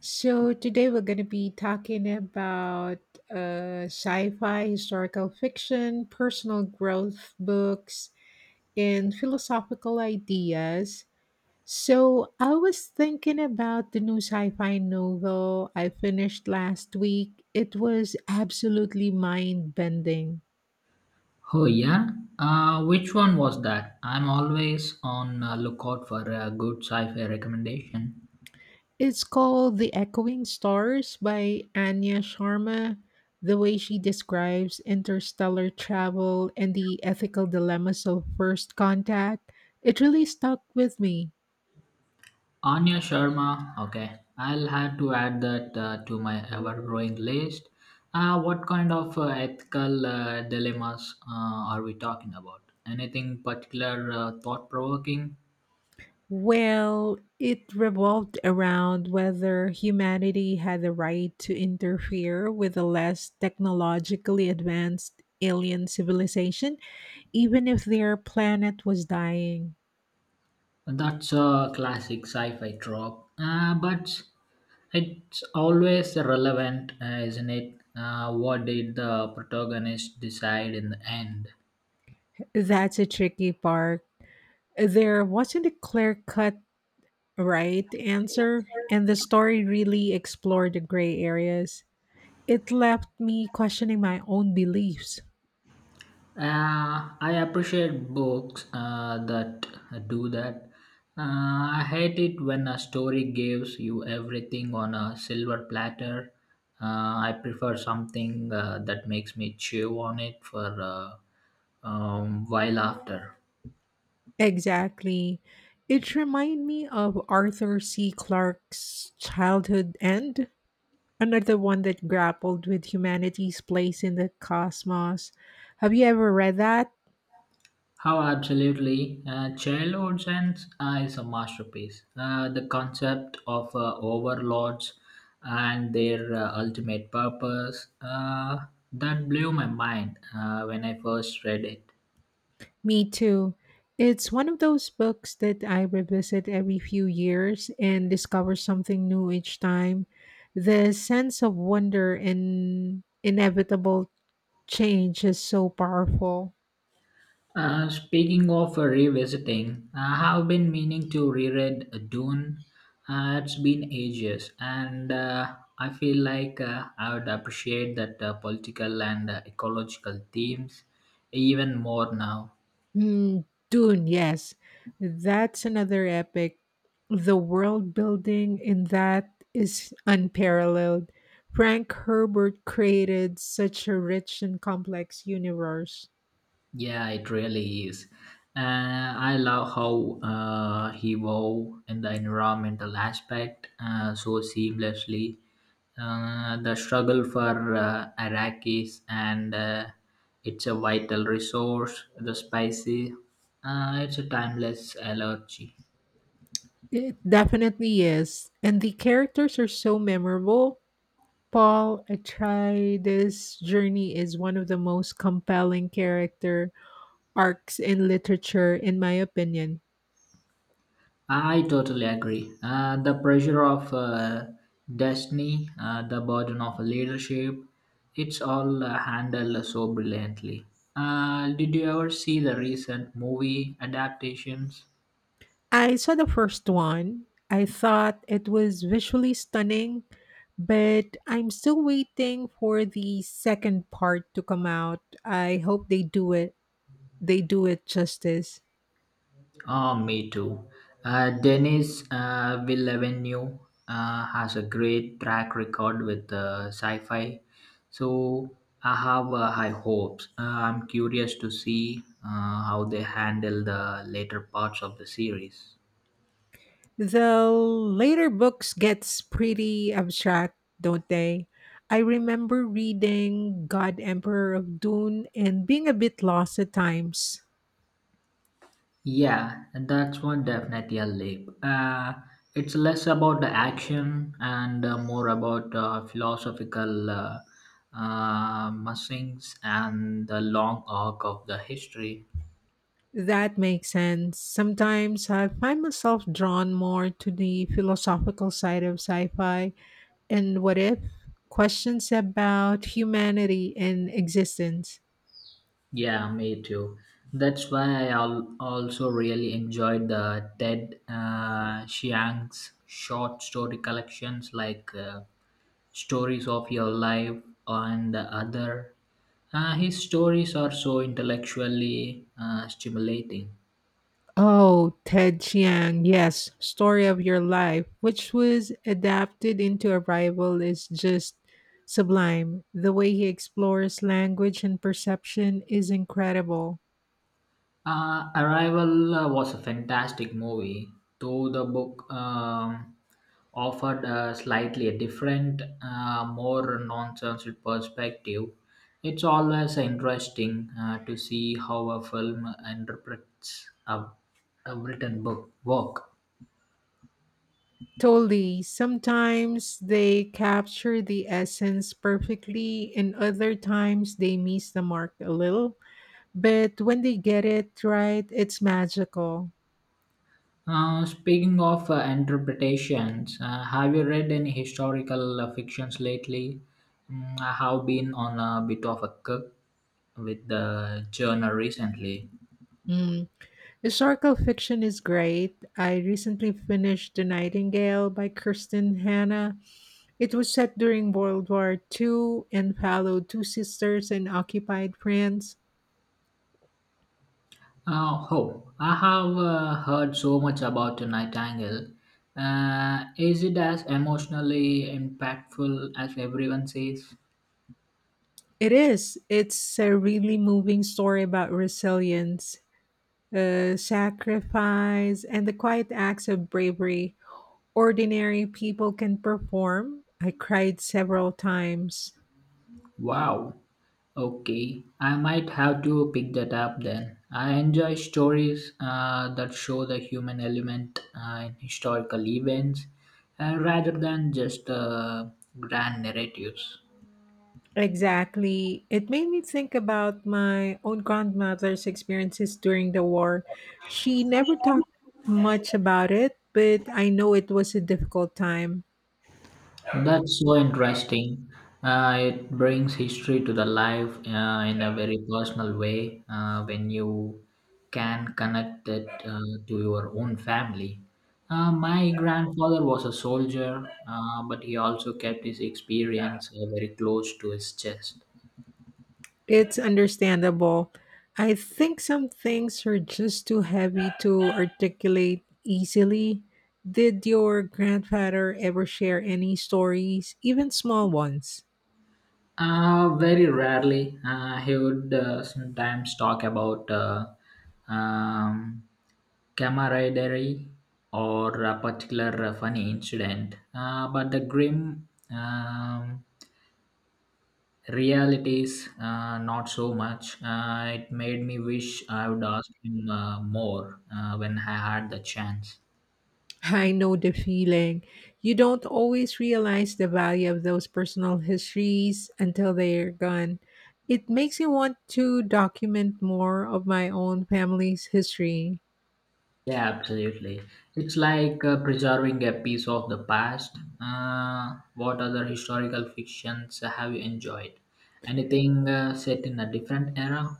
So, today we're going to be talking about sci fi, historical fiction, personal growth books, and philosophical ideas. So, I was thinking about the new sci fi novel I finished last week. It was absolutely mind bending. Oh yeah, which one was that? I'm always on lookout for a good sci-fi recommendation. It's called The Echoing Stars by Anya Sharma. The way she describes interstellar travel and the ethical dilemmas of first contact, it really stuck with me. Anya Sharma. Okay, I'll have to add that to my ever-growing list. What kind of ethical dilemmas are we talking about? Anything particular thought-provoking? Well, it revolved around whether humanity had the right to interfere with a less technologically advanced alien civilization, even if their planet was dying. That's a classic sci-fi trope, but it's always relevant, isn't it? What did the protagonist decide in the end? That's a tricky part. There wasn't a clear cut right answer, and the story really explored the gray areas. It left me questioning my own beliefs. I appreciate books that do that. I hate it when a story gives you everything on a silver platter. I prefer something that makes me chew on it for a while after. Exactly. It reminded me of Arthur C. Clarke's childhood end, another one that grappled with humanity's place in the cosmos. Have you ever read that? How absolutely Childhood Sense is a masterpiece. The concept of overlords and their ultimate purpose that blew my mind when I first read it. Me too. It's one of those books that I revisit every few years and discover something new each time. The sense of wonder and inevitable change is so powerful. Speaking of revisiting, I have been meaning to reread Dune. It's been ages, and I feel like I would appreciate that political and ecological themes even more now. Mm, Dune, yes. That's another epic. The world building in that is unparalleled. Frank Herbert created such a rich and complex universe. Yeah, it really is. I love how he wove in the environmental aspect so seamlessly. The struggle for Iraqis and it's a vital resource. The spicy, it's a timeless allergy. It definitely is. And the characters are so memorable. Paul Atreides' journey is one of the most compelling character arcs in literature, in my opinion. I totally agree. The pressure of destiny, the burden of leadership, it's all handled so brilliantly. Did you ever see the recent movie adaptations? I saw the first one. I thought it was visually stunning, but I'm still waiting for the second part to come out. I hope they do it. They do it justice. Ah, me too. Dennis Villeneuve has a great track record with sci-fi, so I have high hopes. I'm curious to see how they handle the later parts of the series. The later books gets pretty abstract, don't they? I remember reading God Emperor of Dune and being a bit lost at times. Yeah, that's one definitely a leap. It's less about the action and more about philosophical musings and the long arc of the history. That makes sense. Sometimes I find myself drawn more to the philosophical side of sci fi and what if questions about humanity and existence. Yeah, me too. That's why also really enjoyed the Ted Chiang's short story collections like Stories of Your Life and the Other. His stories are so intellectually stimulating. Oh, Ted Chiang, yes, Story of Your Life, which was adapted into Arrival, is just sublime. The way he explores language and perception is incredible. Arrival was a fantastic movie, though the book offered a slightly different, more nonsense perspective. It's always interesting to see how a film interprets a written book work. Totally. Sometimes they capture the essence perfectly, and other times they miss the mark a little. But when they get it right, it's magical. Speaking of interpretations, have you read any historical fictions lately? Mm, I have been on a bit of a kick with the journal recently. Mm. Historical fiction is great. I recently finished The Nightingale by Kirsten Hanna. It was set during World War II and followed two sisters in occupied France. Oh, I have heard so much about the Nightingale. Is it as emotionally impactful as everyone says? It is. It's a really moving story about resilience, sacrifice, and the quiet acts of bravery ordinary people can perform. I cried several times. Wow, okay, I might have to pick that up then. I enjoy stories that show the human element in historical events rather than just grand narratives. Exactly. It made me think about my own grandmother's experiences during the war. She never talked much about it, but I know it was a difficult time. That's so interesting. It brings history to the life in a very personal way when you can connect it to your own family. My grandfather was a soldier, but he also kept his experience very close to his chest. It's understandable. I think some things are just too heavy to articulate easily. Did your grandfather ever share any stories, even small ones? Very rarely. He would sometimes talk about um, camaraderie or a particular funny incident, but the grim realities, not so much. It made me wish I would ask him more when I had the chance. I know the feeling. You don't always realize the value of those personal histories until they're gone. It makes me want to document more of my own family's history. Yeah, absolutely. It's like preserving a piece of the past. What other historical fictions have you enjoyed? Anything set in a different era?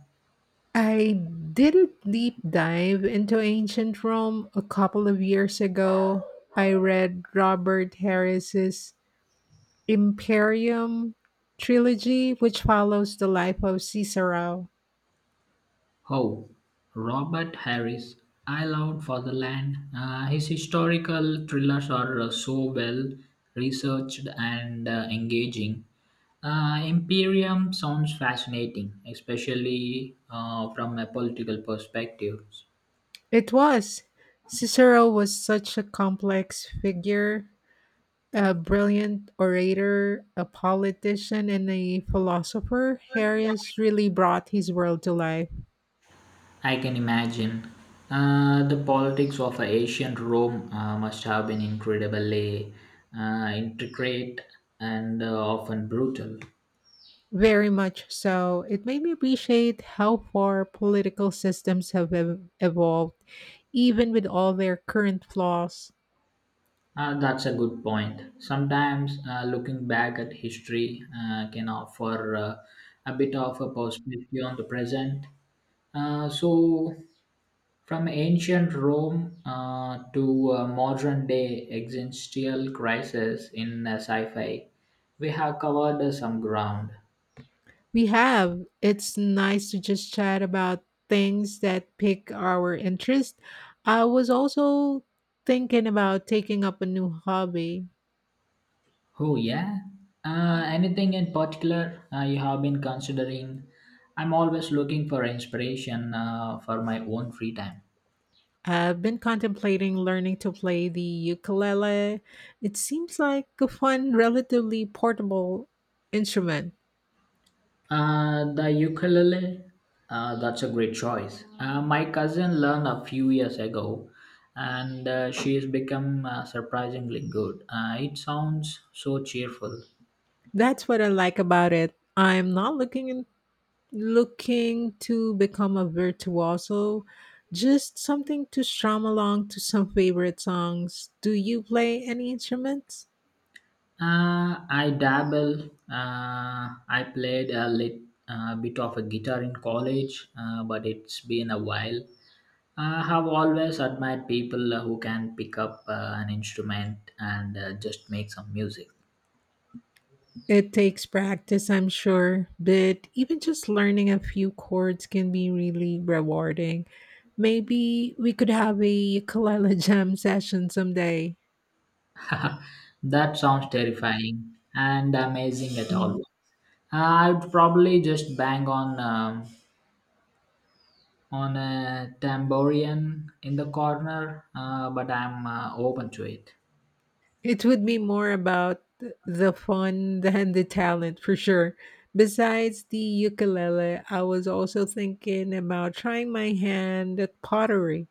I didn't deep dive into ancient Rome a couple of years ago. I read Robert Harris's Imperium trilogy, which follows the life of Cicero. Oh, Robert Harris, I Loved for the Land. His historical thrillers are so well researched and engaging. Imperium sounds fascinating, especially from a political perspective. It was. Cicero was such a complex figure, a brilliant orator, a politician, and a philosopher. Harris really brought his world to life. I can imagine. The politics of ancient Rome must have been incredibly intricate and often brutal. Very much so. It made me appreciate how far political systems have evolved, even with all their current flaws. That's a good point. Sometimes looking back at history can offer a bit of a perspective on the present. So, from ancient Rome to modern day existential crisis in sci fi, we have covered some ground. We have. It's nice to just chat about things that pique our interest. I was also thinking about taking up a new hobby. Oh, yeah. Anything in particular you have been considering? I'm always looking for inspiration for my own free time. I've been contemplating learning to play the ukulele. It seems like a fun, relatively portable instrument. The ukulele, that's a great choice. My cousin learned a few years ago and she's become surprisingly good. It sounds so cheerful. That's what I like about it. I'm not looking in, looking to become a virtuoso, just something to strum along to some favorite songs. Do you play any instruments? I dabble. I played a bit of a guitar in college, but it's been a while. I have always admired people who can pick up an instrument and just make some music. It takes practice, I'm sure, but even just learning a few chords can be really rewarding. Maybe we could have a ukulele jam session someday. That sounds terrifying and amazing at all. I'd probably just bang on a tambourine in the corner, but I'm open to it. It would be more about the fun than the talent for sure. Besides the ukulele, I was also thinking about trying my hand at pottery.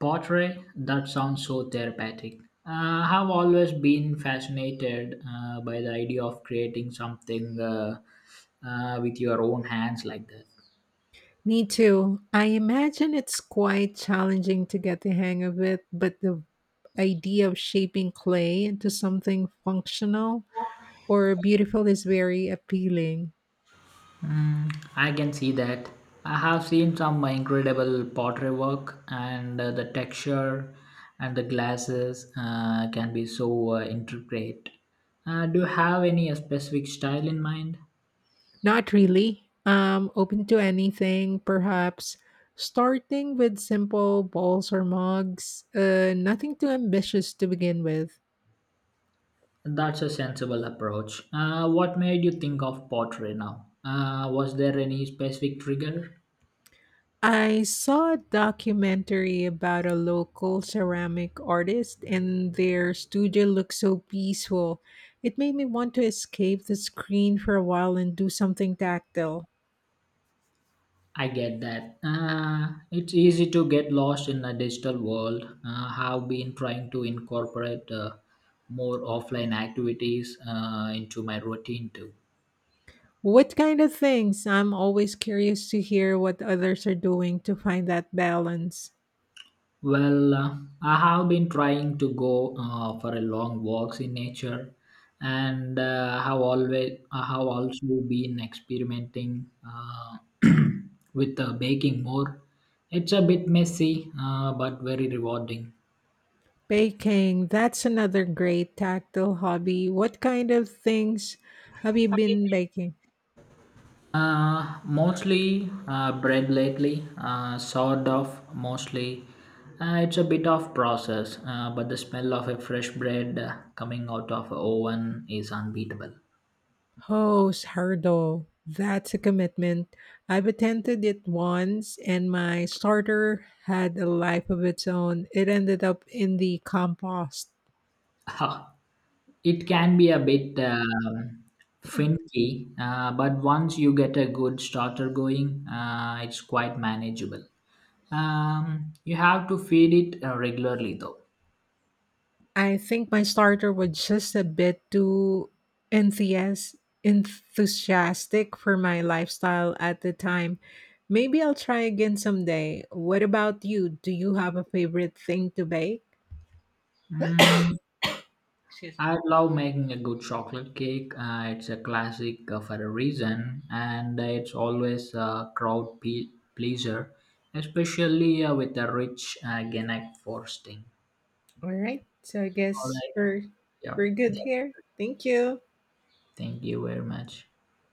Pottery, that sounds so therapeutic. I have always been fascinated by the idea of creating something with your own hands like that. Me too. I imagine it's quite challenging to get the hang of it, but the idea of shaping clay into something functional or beautiful is very appealing. Mm, I can see that. I have seen some incredible pottery work, and the texture and the glasses can be so intricate. Do you have any specific style in mind? Not really. Open to anything, perhaps starting with simple bowls or mugs, nothing too ambitious to begin with. That's a sensible approach. What made you think of pottery now? Was there any specific trigger? I saw a documentary about a local ceramic artist, and their studio looked so peaceful. It made me want to escape the screen for a while and do something tactile. I get that. It's easy to get lost in a digital world. Have been trying to incorporate more offline activities into my routine too. What kind of things? I'm always curious to hear what others are doing to find that balance. Well, I have been trying to go for a long walks in nature, and have always I have also been experimenting with baking more. It's a bit messy, but very rewarding. Baking, that's another great tactile hobby. What kind of things have you been baking? Mostly bread lately, sort of mostly. It's a bit of process, but the smell of a fresh bread coming out of a oven is unbeatable. Oh, sourdough. That's a commitment. I've attempted it once and my starter had a life of its own. It ended up in the compost. Ha. It can be a bit finicky, but once you get a good starter going, it's quite manageable. You have to feed it regularly though. I think my starter was just a bit too enthias enthusiastic for my lifestyle at the time. Maybe I'll try again someday. What about you? Do you have a favorite thing to bake? Mm, Excuse- I love making a good chocolate cake. It's a classic for a reason, and it's always a pleaser, especially with a rich Ganak frosting. All right. So I All guess right. Yeah. we're good here. Thank you. Thank you very much.